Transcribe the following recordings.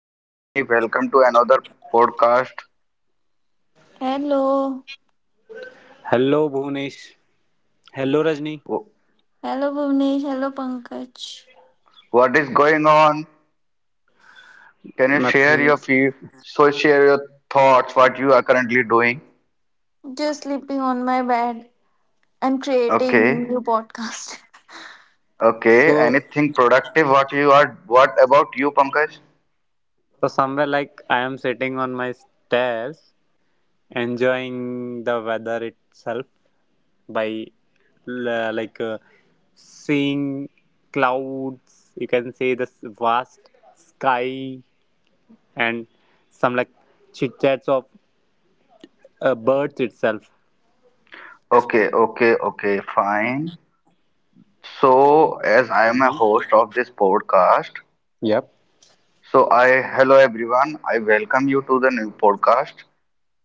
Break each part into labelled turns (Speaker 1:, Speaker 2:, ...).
Speaker 1: hello Rajni, welcome to another podcast.
Speaker 2: Hello.
Speaker 3: Hello, Bhunesh. Hello, Rajni.
Speaker 1: Wh-
Speaker 2: Hello, Bhuvnesh. Hello, Pankaj.
Speaker 1: What is going on? Can you share your feed? So share your thoughts, what you are currently doing.
Speaker 2: Just sleeping on my bed. I'm creating
Speaker 1: Okay,
Speaker 2: new podcast.
Speaker 1: okay.
Speaker 3: So,
Speaker 1: Anything productive? What you are? What about you, Pankaj?
Speaker 3: so, somewhere like I am sitting on my stairs, enjoying the weather itself by like seeing clouds. You can see this vast sky and some like chit chats of birds itself.
Speaker 1: Okay, okay, okay. Fine. So as I am a
Speaker 3: hmm
Speaker 1: host of this podcast,
Speaker 3: Yep.
Speaker 1: so I hello everyone. I welcome you to the new podcast.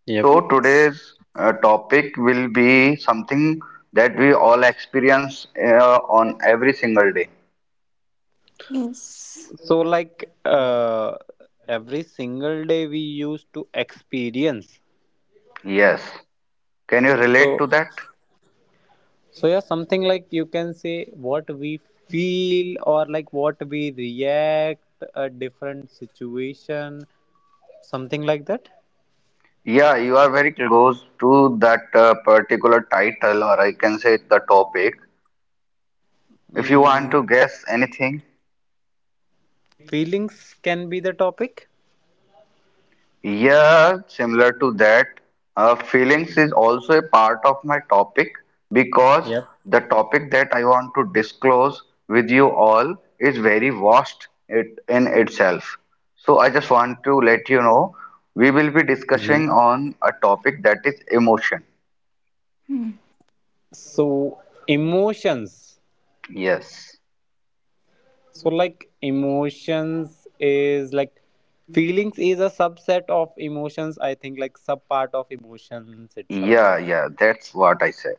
Speaker 3: Yep.
Speaker 1: So
Speaker 2: Yes.
Speaker 1: today's topic will be something that we all experience on every single day.
Speaker 2: Yes.
Speaker 3: So like every single day we used to experience.
Speaker 1: Yes. Can you relate
Speaker 3: So
Speaker 1: to that?
Speaker 3: So yeah, something like you can say what we feel or like what we react a different situation, something like that.
Speaker 1: Yeah, you are very close to that particular title, or I can say the topic. If you
Speaker 3: Mm,
Speaker 1: want to guess anything,
Speaker 3: feelings can be the topic.
Speaker 1: yeah, similar to that, feelings is also a part of my topic because
Speaker 3: Yep.
Speaker 1: the topic that I want to disclose with you all is very vast it in itself. So I just want to let you know we will be
Speaker 3: hmm
Speaker 1: discussing on a topic that is emotion.
Speaker 2: Hmm.
Speaker 3: So emotions.
Speaker 1: Yes.
Speaker 3: So like emotions is like feelings is a subset of emotions. I think like sub part of emotions itself. I
Speaker 1: Yeah,
Speaker 3: think.
Speaker 1: yeah, that's what I say.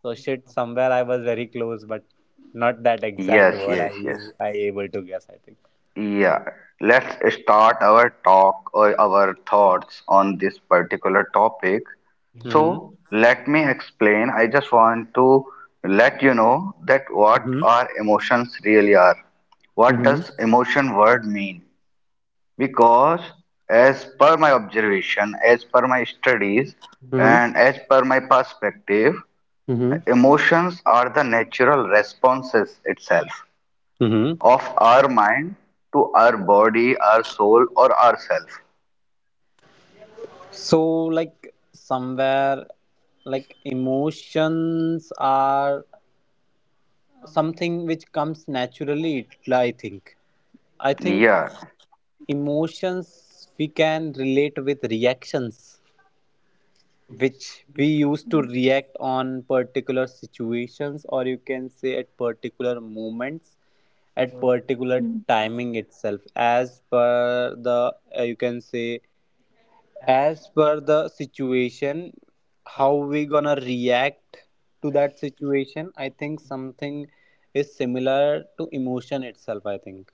Speaker 3: So shit, somewhere I was very close, but not that exact
Speaker 1: Yes,
Speaker 3: word I
Speaker 1: yes, yes.
Speaker 3: you I able to guess, I think.
Speaker 1: Yeah, let's start our talk or our thoughts on this particular topic.
Speaker 3: Mm-hmm.
Speaker 1: So, let me explain. I just want to let you know that what
Speaker 3: Mm-hmm.
Speaker 1: our emotions really are. What
Speaker 3: Mm-hmm.
Speaker 1: does emotion word mean? Because as per my observation, as per my studies, and
Speaker 3: Mm-hmm.
Speaker 1: as per my perspective,
Speaker 3: Mm-hmm.
Speaker 1: emotions are the natural responses itself
Speaker 3: Mm-hmm.
Speaker 1: of our mind to our body, our soul, or ourself.
Speaker 3: So like somewhere like emotions are something which comes naturally, I think. I think
Speaker 1: Yeah,
Speaker 3: emotions we can relate with reactions, which we used to react on particular situations, or you can say at particular moments, at particular timing itself, as per the you can say as per the situation how we gonna react to that situation. I think something is similar to emotion itself. I think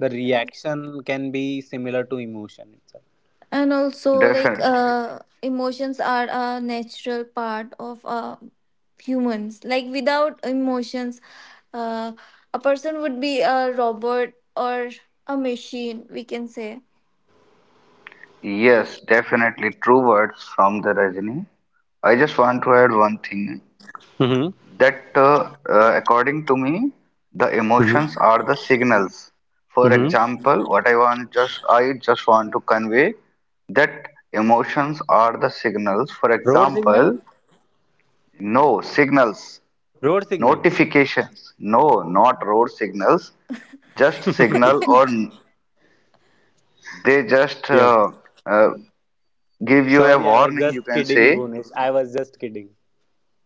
Speaker 3: the reaction can be similar to emotion itself.
Speaker 2: And also,
Speaker 1: definitely.
Speaker 2: emotions are a natural part of humans. Like, without emotions, uh, a person would be a robot or a machine, we can say.
Speaker 1: Yes, definitely. True words from the Rajini. I just want to add one thing
Speaker 3: Mm-hmm.
Speaker 1: that, according to me, the emotions
Speaker 3: Mhm.
Speaker 1: are the signals. For
Speaker 3: Mm-hmm.
Speaker 1: example, what I want just I just want to convey that emotions are the signals. For
Speaker 3: Road signal.
Speaker 1: example, no signals.
Speaker 3: Road signal.
Speaker 1: Notifications. No, not road signals. Just signal or they just
Speaker 3: Yep.
Speaker 1: uh, give you a
Speaker 3: Sorry, I was
Speaker 1: warning. You
Speaker 3: just
Speaker 1: can
Speaker 3: kidding,
Speaker 1: say,
Speaker 3: Bhunesh. I was just kidding.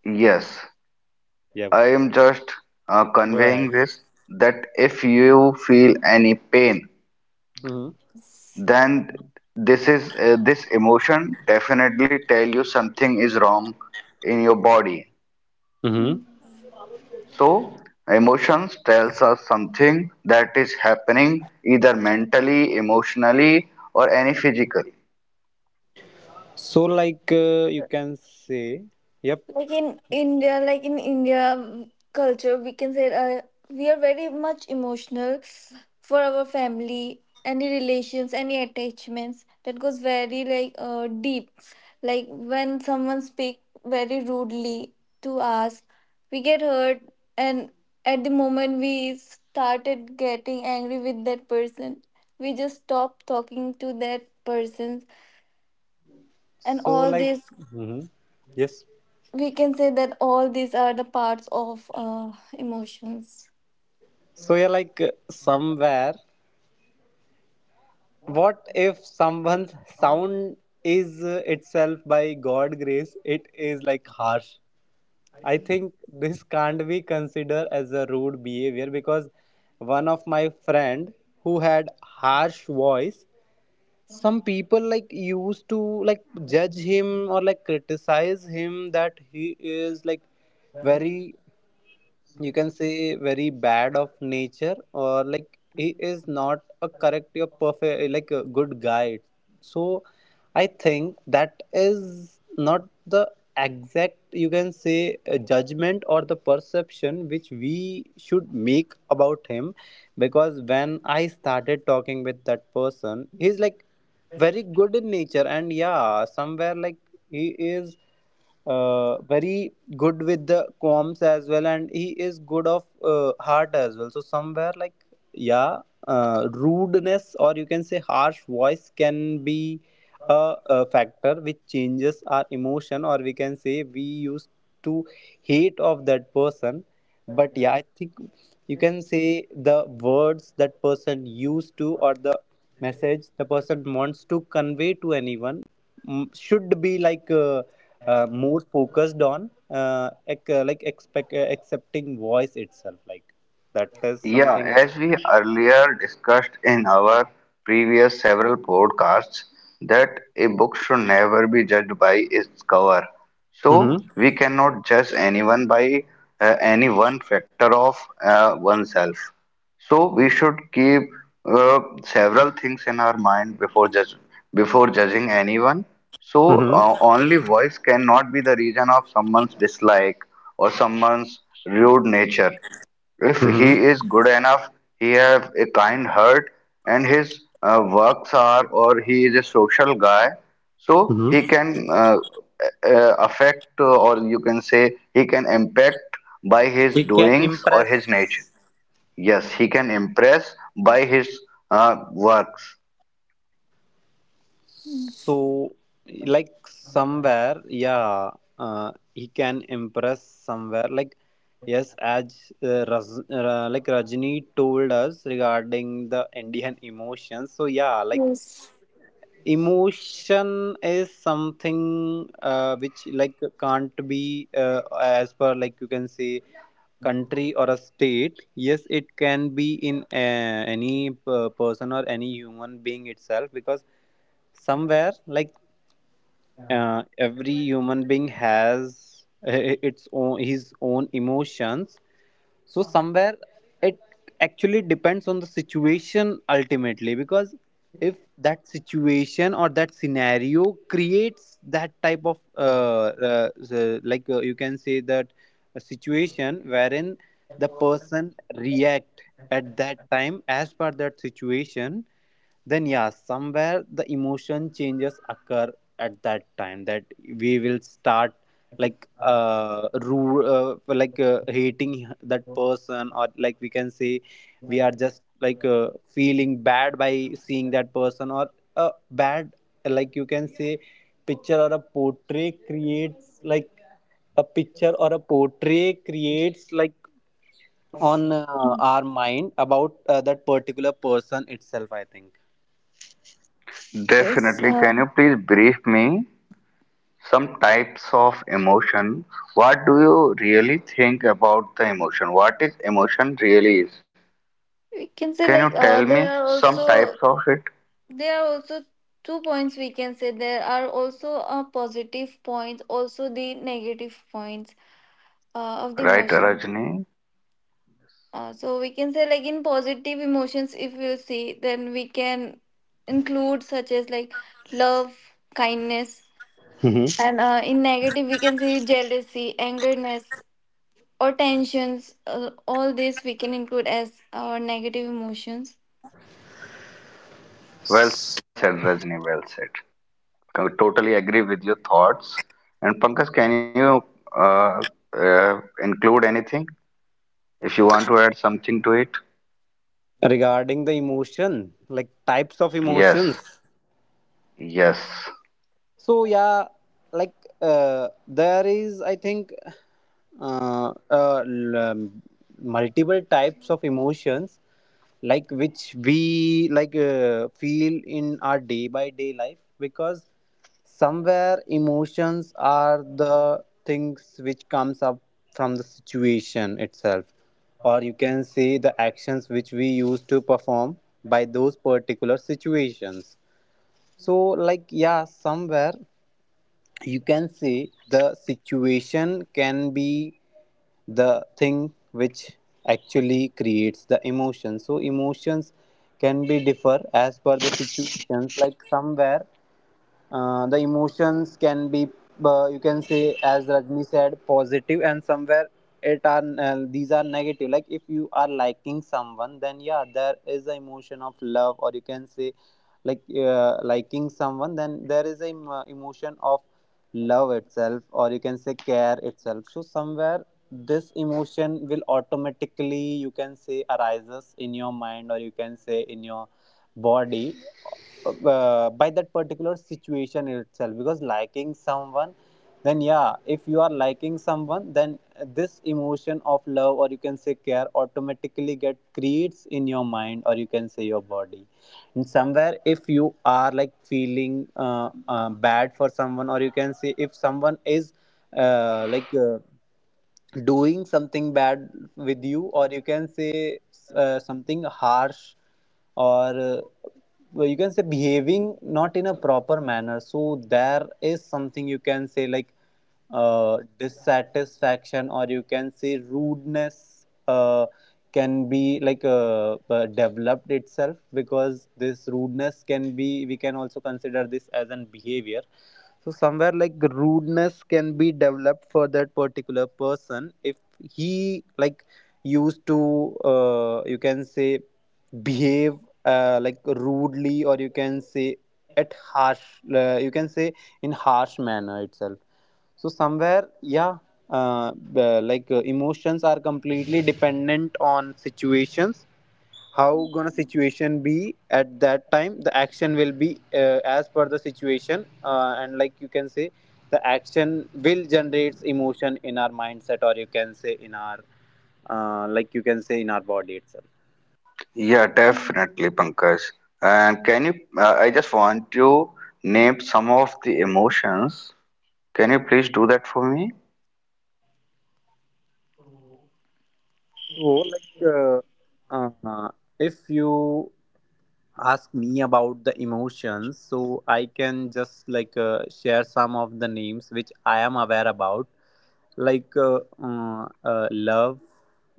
Speaker 1: yes,
Speaker 3: Yep.
Speaker 1: I am just
Speaker 3: Go
Speaker 1: conveying
Speaker 3: ahead.
Speaker 1: this that if you feel any pain,
Speaker 3: hmm
Speaker 2: Yes.
Speaker 1: then this is this emotion definitely tell you something is wrong in your body.
Speaker 2: Hmm.
Speaker 3: Mm-hmm.
Speaker 1: So emotions tells us something that is happening either mentally, emotionally, or any physically.
Speaker 3: So, like, you can say, yep.
Speaker 2: Like in India, culture, we can say, we are very much emotional for our family, any relations, any attachments that goes very deep. Like, when someone speak very rudely to us, we get hurt, and at the moment we started getting angry with that person, we just stop talking to that person, and
Speaker 3: So,
Speaker 2: all
Speaker 3: like,
Speaker 2: this,
Speaker 3: hmm yes.
Speaker 2: we can say that all these are the parts of emotions.
Speaker 3: So, yeah, like, somewhere, what if someone's sound is itself, by God grace, it is like harsh? I think this can't be considered as a rude behavior, because one of my friend who had harsh voice, some people like used to like judge him or like criticize him that he is like very, you can say very bad of nature, or like he is not a correct or perfect like a good guy. So I think that is not the exact, you can say judgment or the perception which we should make about him, because when I started talking with that person, he's like very good in nature, and yeah, somewhere like he is very good with the comms as well, and he is good of heart as well. So somewhere like, yeah, rudeness, or you can say harsh voice, can be a factor which changes our emotion, or we can say we used to hate of that person. But yeah, I think you can say the words that person used to, or the message the person wants to convey to anyone, mm, should be like more focused on like expect accepting voice itself, like that is
Speaker 1: Yeah,
Speaker 3: something.
Speaker 1: as we earlier discussed in our previous several podcasts, that a book should never be judged by its cover. So
Speaker 3: Mhm.
Speaker 1: we cannot judge anyone by any one factor of oneself. So we should keep several things in our mind before judging anyone. So
Speaker 3: Mhm.
Speaker 1: only voice cannot be the reason of someone's dislike or someone's rude nature. If he
Speaker 3: Mhm.
Speaker 1: is good enough, he have a kind heart, and his works are, or he is a social guy, so
Speaker 3: Mhm.
Speaker 1: he can affect, or you can say he can impact by his
Speaker 3: It can
Speaker 1: doings or
Speaker 3: impress.
Speaker 1: his nature. Yes, he can impress by his works.
Speaker 3: So,
Speaker 2: Yes,
Speaker 3: like somewhere, yeah, he can impress somewhere. Like, yes, as like Rajni told us regarding the Indian emotions. So yeah, like
Speaker 2: yes,
Speaker 3: emotion is something which like can't be as per like you can say country or a state. Yes, it can be in any person or any human being itself, because somewhere like every human being has its own, his own emotions. So somewhere it actually depends on the situation ultimately, because if that situation or that scenario creates that type of like you can say that a situation wherein the person react at that time as per that situation, then yeah, somewhere the emotion changes occur at that time, that we will start like like hating that person, or like we can say we are just like feeling bad by seeing that person. Or a bad, like you can say, picture or a portrait creates like a picture or a portrait creates like on our mind about that particular person itself, I think.
Speaker 2: yes.
Speaker 1: Definitely. Can you please brief me some types of emotion? What do you really think about the emotion? What is emotion really is?
Speaker 2: We can
Speaker 1: Can
Speaker 2: say,
Speaker 1: you
Speaker 2: like,
Speaker 1: tell me
Speaker 2: there are
Speaker 1: some types
Speaker 2: also,
Speaker 1: of it?
Speaker 2: there are also two points, we can say. There are also positive points, also the negative points of the
Speaker 1: Right,
Speaker 2: emotion.
Speaker 1: Rajni.
Speaker 2: So we can say, like, in positive emotions, if we'll see, then we can include such as like love, kindness, and in negative we can say jealousy, angerness, or tensions. All this we can include as our negative emotions.
Speaker 1: Well
Speaker 3: hmm
Speaker 1: said, Rajni. Well said. I totally agree with your thoughts. And Pankaj, can you uh, include anything if you want to add something to it?
Speaker 3: Regarding the emotion, like types of
Speaker 1: Yes.
Speaker 3: emotions,
Speaker 1: Yes.
Speaker 3: so yeah, like there is, I think, uh, uh, l- um, multiple types of emotions, like which we like feel in our day by day life, because somewhere emotions are the things which comes up from the situation itself, or you can say the actions which we used to perform by those particular situations. So like yeah, somewhere you can say the situation can be the thing which actually creates the emotion. So emotions can be differ as per the situations, like somewhere the emotions can be you can say, as Rajni said, positive, and somewhere it are these are negative. Like if you are liking someone, then yeah, there is the emotion of love, or you can say like liking someone, then there is a em- emotion of love itself, or you can say care itself. So somewhere this emotion will automatically, you can say, arises in your mind, or you can say in your body, by that particular situation itself, because liking someone, then yeah, if you are liking someone, then this emotion of love, or you can say care, automatically get creates in your mind, or you can say your body. And somewhere if you are like feeling bad for someone, or you can say if someone is uh, like uh, doing something bad with you, or you can say something harsh, or well, you can say behaving not in a proper manner, so there is something you can say like dissatisfaction, or you can say rudeness, can be like developed itself, because this rudeness can be, we can also consider this as an behavior. So somewhere like rudeness can be developed for that particular person if he like used to you can say behave like rudely, or you can say at harsh, you can say in harsh manner itself. So somewhere yeah, uh, like emotions are completely dependent on situations. How gonna situation be at that time, the action will be as per the situation, and like you can say the action will generates emotion in our mindset, or you can say in our like you can say in our body itself.
Speaker 1: Yeah,
Speaker 2: Mm.
Speaker 1: definitely, Pankaj. And can you? I just want to name some of the emotions. Can you please do that for me?
Speaker 3: So like uh, if you ask me about the emotions, so I can just like share some of the names which I am aware about, like love.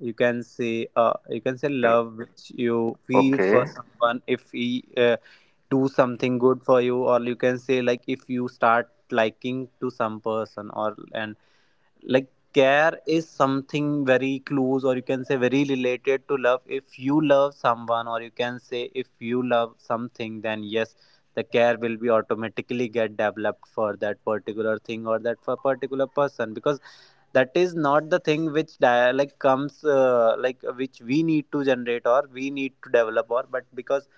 Speaker 3: You can say you can say love, which you feel for
Speaker 1: Okay.
Speaker 3: someone if he do something good for you, or you can say like if you start liking to some person. Or and like care is something very close, or you can say very related to love. If you love someone, or you can say if you love something, then yes, the care will be automatically get developed for that particular thing, or that for particular person, because that is not the thing which like comes like which we need to generate, or we need to develop, or but because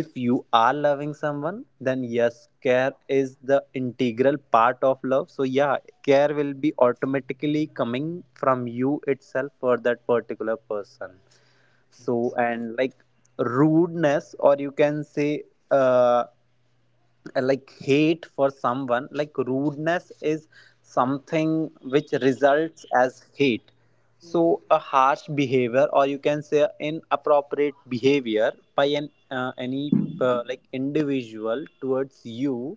Speaker 3: if you are loving someone, then yes, care is the integral part of love. So yeah, care will be automatically coming from you itself for that particular person. So and like rudeness, or you can say uh, like hate for someone. Like rudeness is something which results as hate. So a harsh behavior, or you can say inappropriate behavior by an any like individual towards you,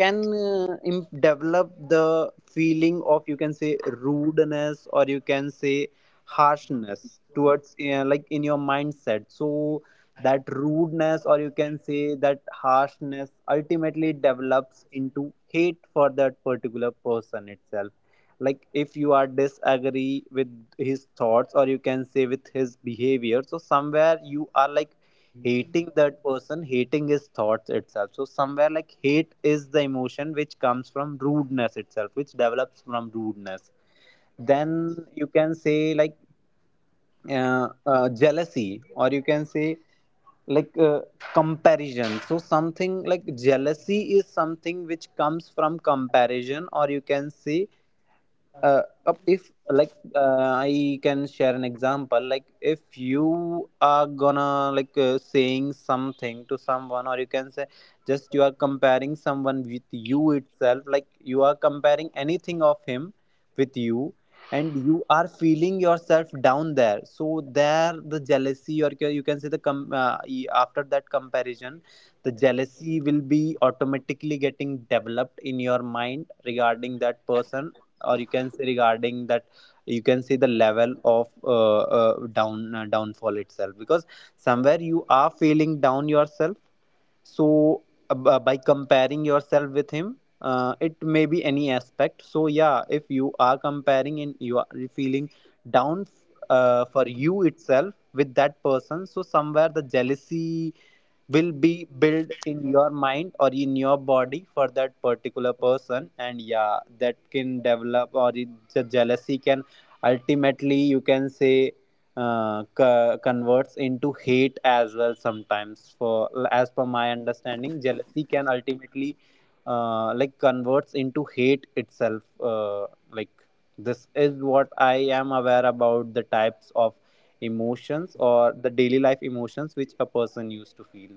Speaker 3: can develop the feeling of, you can say, rudeness, or you can say harshness towards like in your mindset. So that rudeness, or you can say that harshness, ultimately develops into hate for that particular person itself. Like if you are disagree with his thoughts, or you can say with his behavior, so somewhere you are like hating that person, hating his thoughts itself. So somewhere like hate is the emotion which comes from rudeness itself, which develops from rudeness. Then you can say like jealousy, or you can say like comparison. So something like jealousy is something which comes from comparison, or you can say uh, if like I can share an example. Like if you are gonna like saying something to someone, or you can say just you are comparing someone with you itself, like you are comparing anything of him with you, and you are feeling yourself down there, so there the jealousy, or you can say the after that comparison, the jealousy will be automatically getting developed in your mind regarding that person, or you can say regarding that you can see the level of downfall itself, because somewhere you are feeling down yourself. So uh, by comparing yourself with him, it may be any aspect. So yeah, if you are comparing and you are feeling down for you itself with that person, so somewhere the jealousy will be built in your mind, or in your body, for that particular person. And yeah, that can develop or the jealousy can ultimately, you can say, converts into hate as well sometimes. For as per my understanding, jealousy can ultimately converts into hate itself. Like this is what I am aware about the types of emotions or the daily life emotions which a person used to feel.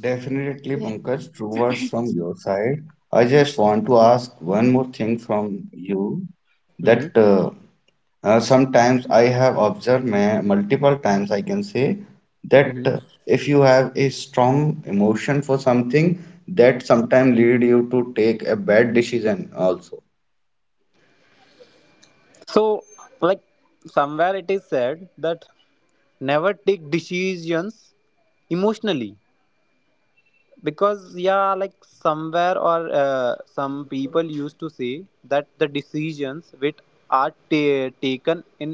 Speaker 1: Definitely,
Speaker 2: Yeah.
Speaker 1: Pankaj, true words from your side. I just want to ask one more thing from you that
Speaker 3: Hmm.
Speaker 1: sometimes I have observed multiple times, I can say that
Speaker 3: Hmm.
Speaker 1: if you have a strong emotion for something, that sometimes lead you to take a bad decision also.
Speaker 3: So, like, somewhere it is said that never take decisions emotionally, because, yeah, like somewhere, or some people used to say that the decisions which are ta taken in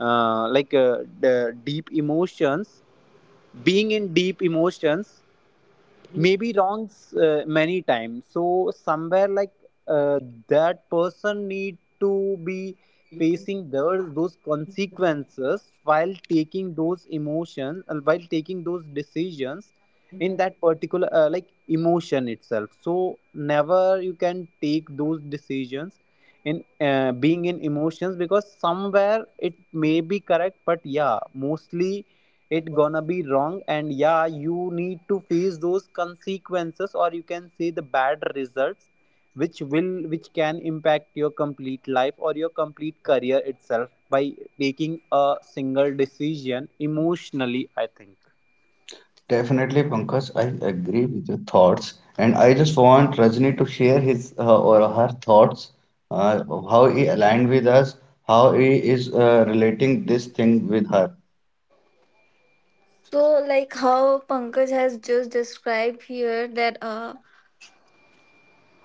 Speaker 3: the deep emotions, being in deep emotions, maybe wrong many times. So somewhere, like, uh, that person need to be facing those consequences while taking those emotions, while taking those decisions in that particular emotion itself. So never you can take those decisions in being in emotions, because somewhere it may be correct, but yeah, mostly it gonna be wrong, and yeah, you need to face those consequences, or you can say the bad results which can impact your complete life or your complete career itself by taking a single decision emotionally, I think.
Speaker 1: Definitely, Pankaj, I agree with your thoughts, and I just want Rajni to share his or her thoughts, of how he aligned with us, how he is relating this thing with her.
Speaker 2: So, like, how Pankaj has just described here that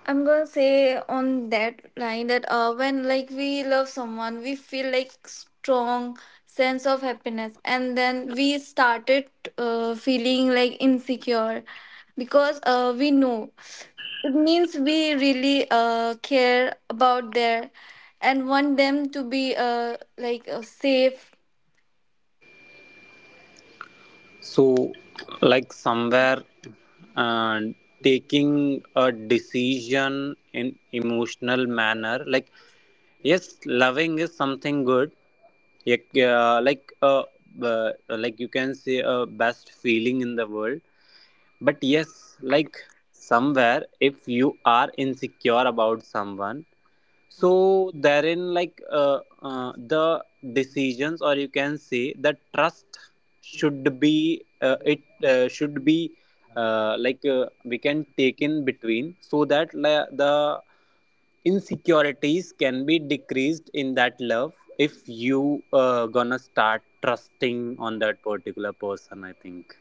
Speaker 2: I'm gonna say on that line that when, like, we love someone, we feel like strong sense of happiness, and then we started feeling like insecure, because we know it means we really care about their and want them to be safe.
Speaker 3: So, like, somewhere, uh, taking a decision in emotional manner, like, yes, loving is something good. Like, you can say a best feeling in the world. But yes, like, somewhere, if you are insecure about someone, so therein, like, the decisions or you can say the trust should be, it should be, we can take in between, so that the insecurities can be decreased in that love if you gonna start trusting on that particular person, I think.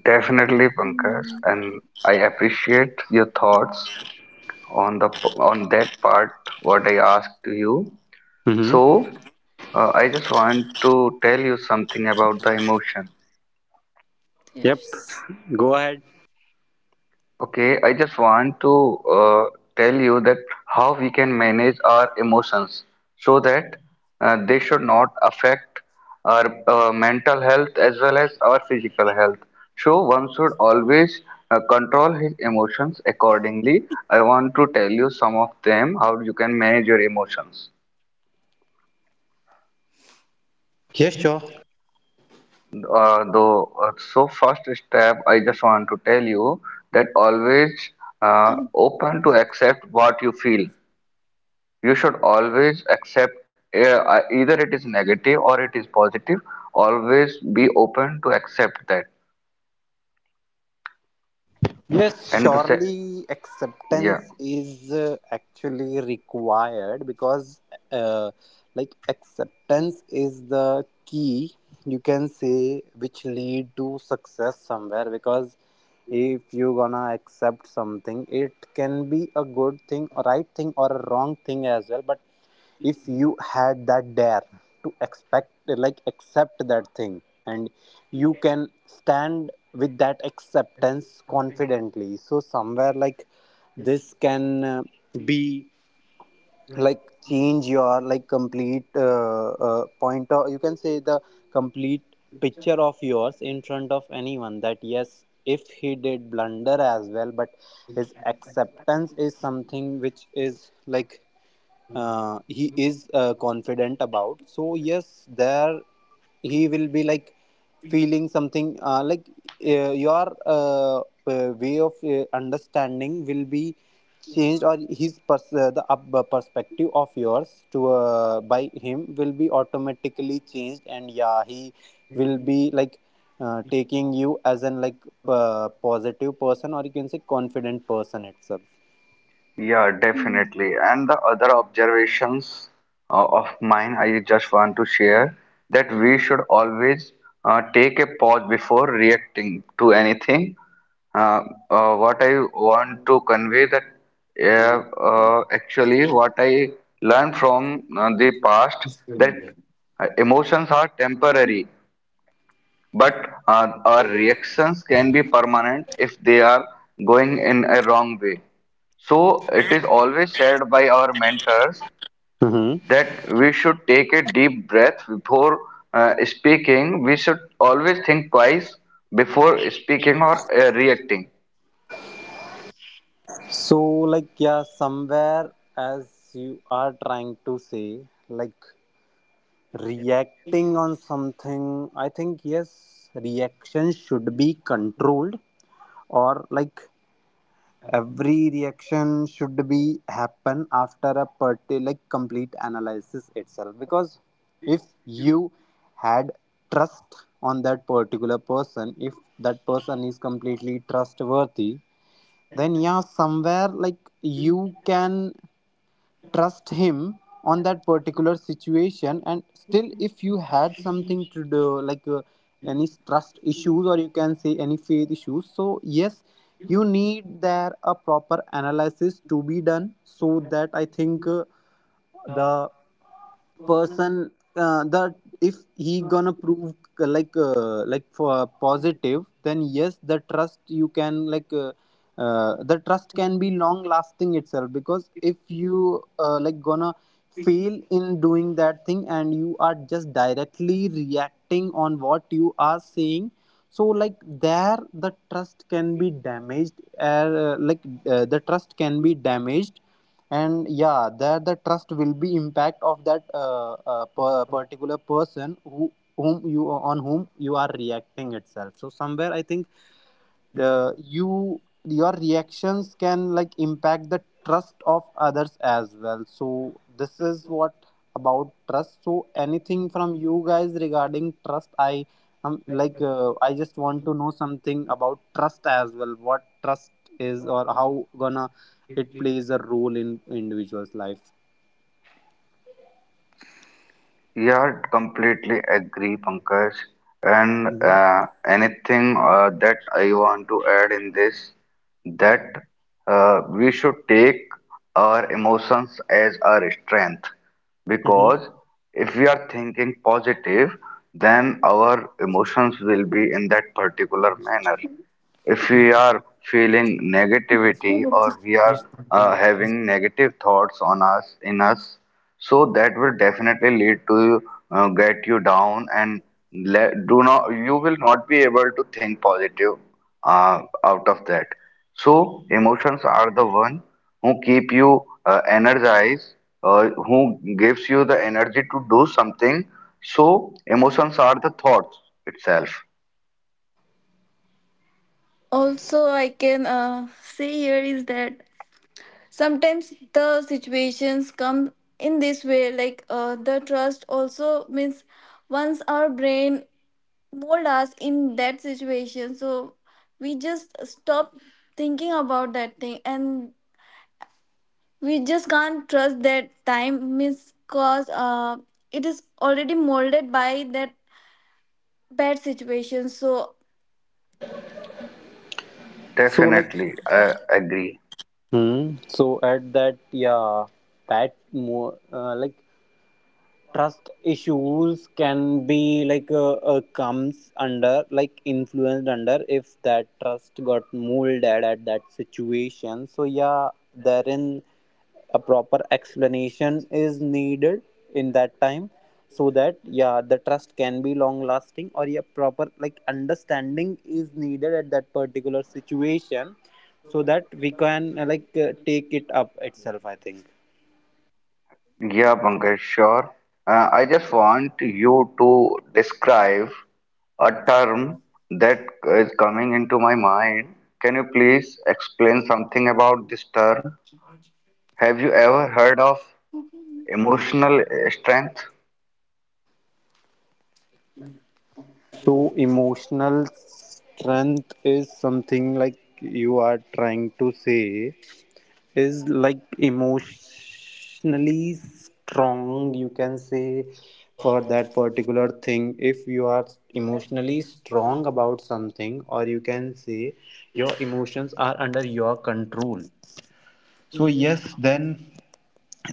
Speaker 1: Definitely, Pankaj,
Speaker 2: Mm,
Speaker 1: and I appreciate your thoughts on on that part what I asked you.
Speaker 3: Mm-hmm.
Speaker 1: So, I just want to tell you something about the emotion.
Speaker 3: Yep,
Speaker 2: yes.
Speaker 3: go ahead.
Speaker 1: Okay, I just want to uh, tell you that how we can manage our emotions so that they should not affect our mental health as well as our physical health. So one should always control his emotions accordingly. I want to tell you some of them how you can manage your emotions. So first step, I just want to tell you that always
Speaker 2: Come.
Speaker 1: open to accept what you feel. You should always accept, either it is negative or it is positive, always be open to accept that
Speaker 3: Yes,
Speaker 1: and
Speaker 3: surely
Speaker 1: yeah.
Speaker 3: acceptance is actually required, because, uh, like, acceptance is the key, you can say, which lead to success somewhere. Because if you gonna accept something, it can be a good thing, a right thing, or a wrong thing as well. But if you had that dare to expect, like, accept that thing, and you can stand with that acceptance confidently, so somewhere, like, this can be, like, change your, like, complete point, or you can say the complete picture of yours in front of anyone, that yes, if he did blunder as well, but his acceptance is something which is like, he is confident about. So yes, there he will be like feeling something your way of understanding will be changed, or his the perspective of yours to, by him, will be automatically changed, and yeah, he will be like taking you as an, like, positive person, or you can say confident person itself.
Speaker 1: Yeah, definitely. And the other observations of mine, I just want to share that we should always take a pause before reacting to anything. Uh, what I want to convey that actually what I learned from the past that emotions are temporary but our reactions can be permanent if they are going in a wrong way. So it is always said by our mentors that we should take a deep breath before speaking. We should always think twice before speaking or reacting.
Speaker 3: So, like, yeah, somewhere, as you are trying to say, like, reacting on something, I think, yes, reaction should be controlled, or, like, every reaction should be happen after a party, like, complete analysis itself. Because if you had trust on that particular person, if that person is completely trustworthy, then yeah, somewhere, like, you can trust him on that particular situation, and still if you had something to do, like, any trust issues, or you can say any faith issues, so yes, you need there a proper analysis to be done, so that, I think, the person, that if he gonna prove for positive, then yes, the trust you can, like, the trust can be long lasting itself. Because if you gonna fail in doing that thing, and you are just directly reacting on what you are saying, so, like, there the trust can be damaged, the trust can be damaged, and yeah, that the trust will be impact of that particular person who, whom you on whom you are reacting itself. So somewhere, I think, you, your reactions can, like, impact the trust of others as well. So this is what about trust. So anything from you guys regarding trust? I I just want to know something about trust as well, what trust is, or how gonna it plays a role in individual's life.
Speaker 1: Yeah, completely agree, Pankaj. And
Speaker 3: Hmm.
Speaker 1: anything that I want to add in this, that we should take our emotions as our strength,
Speaker 3: Hmm.
Speaker 1: because if we are thinking positive, then our emotions will be in that particular manner. If we are feeling negativity or we are having negative thoughts on us in us, so that will definitely lead to get you down and do not, you will not be able to think positive uh, out of that. So emotions are the one who keep you energized, who gives you the energy to do something. So emotions are the thoughts itself.
Speaker 2: Also, I can say here is that sometimes the situations come in this way, like, the trust also means once our brain mold us in that situation, so we just stop thinking about that thing, and we just can't trust that time, means, cause it is already molded by that bad situation. So
Speaker 3: So, like,
Speaker 1: Definitely, I agree.
Speaker 3: hmm, so at that, yeah, pat more like trust issues can be like comes under, like, influenced under, if that trust got molded at that situation. So yeah, therein a proper explanation is needed in that time, so that yeah, the trust can be long lasting, or yeah, proper, like, understanding is needed at that particular situation, so that we can take it up itself, I think.
Speaker 1: Yeah, Pankaj, sure. I just want you to describe a term that is coming into my mind. Can you please explain something about this term? Have you ever heard of emotional strength?
Speaker 3: So, emotional strength is something like you are trying to say is, like, emotionally strong, you can say, for that particular thing. If you are emotionally strong about something, or you can say your emotions are under your control. So, yes, then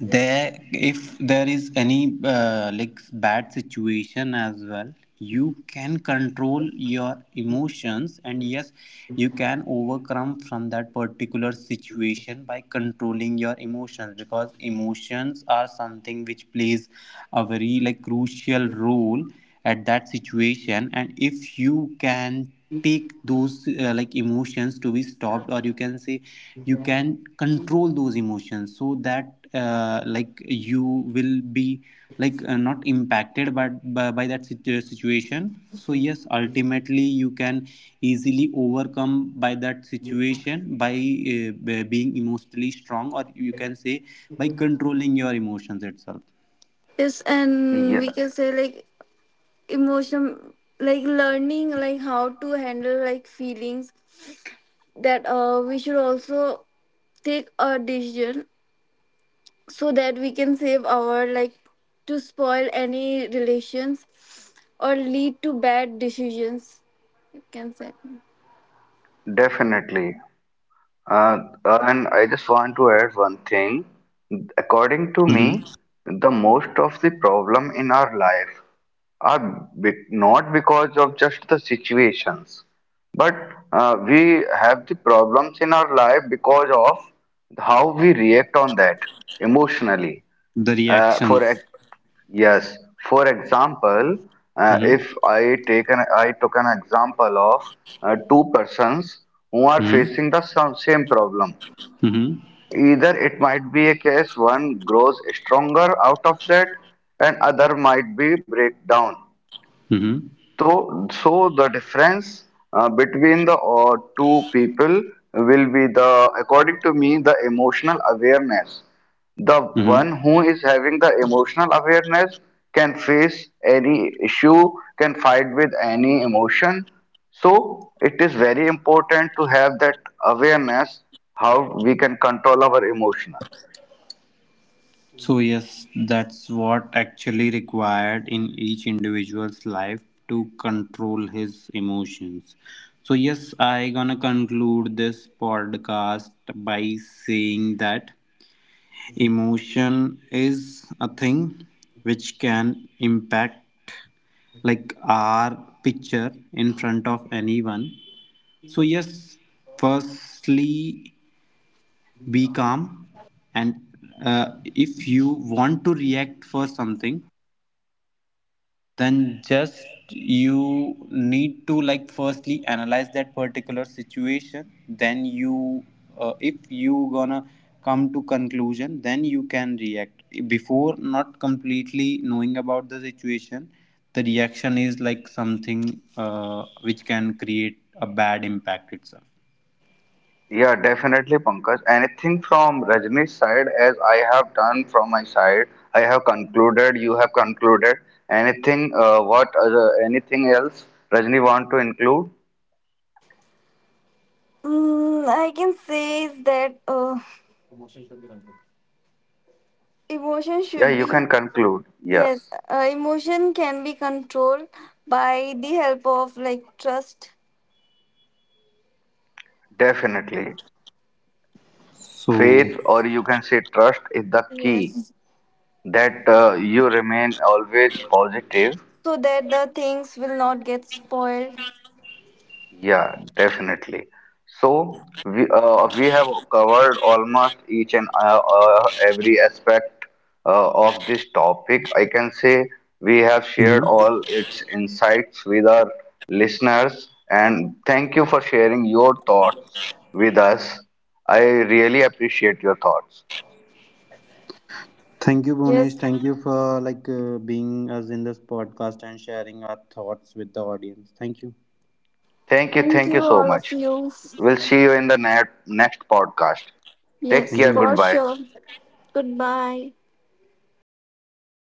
Speaker 3: there, if there is any bad situation as well, you can control your emotions, and yes, you can overcome from that particular situation by controlling your emotions, because emotions are something which plays a very, like, crucial role at that situation. And if you can take those emotions to be stopped, or you can say you can control those emotions, so that, you will be, like, not impacted but by that situation. So yes, ultimately you can easily overcome by that situation by being emotionally strong, or you can say by controlling your emotions itself.
Speaker 2: yes, and we
Speaker 1: Yeah,
Speaker 2: can say, like, emotion, like learning, like how to handle, like, feelings, that we should also take a decision, so that we can save our, like, to spoil any relations or lead to bad decisions, you can say.
Speaker 1: definitely. Uh, and I just want to add one thing. According to
Speaker 3: Mhm.
Speaker 1: me, the most of the problem in our life not because of just the situations, but we have the problems in our life because of how we react on that emotionally.
Speaker 3: The
Speaker 1: Uh, for ex-
Speaker 3: reactions.
Speaker 1: yes, for example,
Speaker 3: Hmm.
Speaker 1: if I take an I took an example of two persons who are
Speaker 3: Hmm.
Speaker 1: facing the some, same problem.
Speaker 3: Hmm.
Speaker 1: Either it might be a case one grows stronger out of that, and other might be break down.
Speaker 3: Hmm.
Speaker 1: So, so the difference between the two people will be the, according to me, the emotional awareness. The
Speaker 3: Hmm.
Speaker 1: one who is having the emotional awareness can face any issue, can fight with any emotion. So it is very important to have that awareness how we can control our emotional.
Speaker 3: So yes, that's what actually required in each individual's life to control his emotions. So yes, I gonna conclude this podcast by saying that emotion is a thing which can impact, like, our picture in front of anyone. So yes, firstly be calm, and uh, if you want to react for something, then just you need to, like, firstly analyze that particular situation. Then you, if you gonna come to conclusion, then you can react. Before not completely knowing about the situation, the reaction is like something which can create a bad impact itself.
Speaker 1: Yeah, definitely, Pankaj. Anything from Rajni's side, as I have done from my side, I have concluded, you have concluded. Anything, anything else Rajni want to include?
Speaker 2: I can say is that emotion
Speaker 1: Yeah,
Speaker 2: should
Speaker 1: you
Speaker 2: be.
Speaker 1: can conclude.
Speaker 2: Yes,
Speaker 1: Yes,
Speaker 2: emotion can be controlled by the help of like trust.
Speaker 1: definitely.
Speaker 3: So
Speaker 1: Faith, or you can say trust, is the key
Speaker 2: Yes.
Speaker 1: that
Speaker 2: It,
Speaker 1: you remain always positive.
Speaker 2: so that the things will not get spoiled.
Speaker 1: Yeah, definitely. So we, we have covered almost each and every aspect of this topic. I can say we have shared all its insights with our listeners, and thank you for sharing your thoughts with us. I really appreciate your thoughts.
Speaker 3: thank you, Bhunesh.
Speaker 2: Yes.
Speaker 3: Thank you for, like, being us in this podcast and sharing our thoughts with the audience. Thank you.
Speaker 2: Thank
Speaker 1: Thank you
Speaker 2: you,
Speaker 1: so
Speaker 2: all of
Speaker 1: much.
Speaker 2: you.
Speaker 1: We'll see you in the next podcast. Take
Speaker 3: Thank
Speaker 2: Yes,
Speaker 3: you,
Speaker 1: care,
Speaker 2: for
Speaker 1: goodbye.
Speaker 3: guys.
Speaker 2: sure. Goodbye.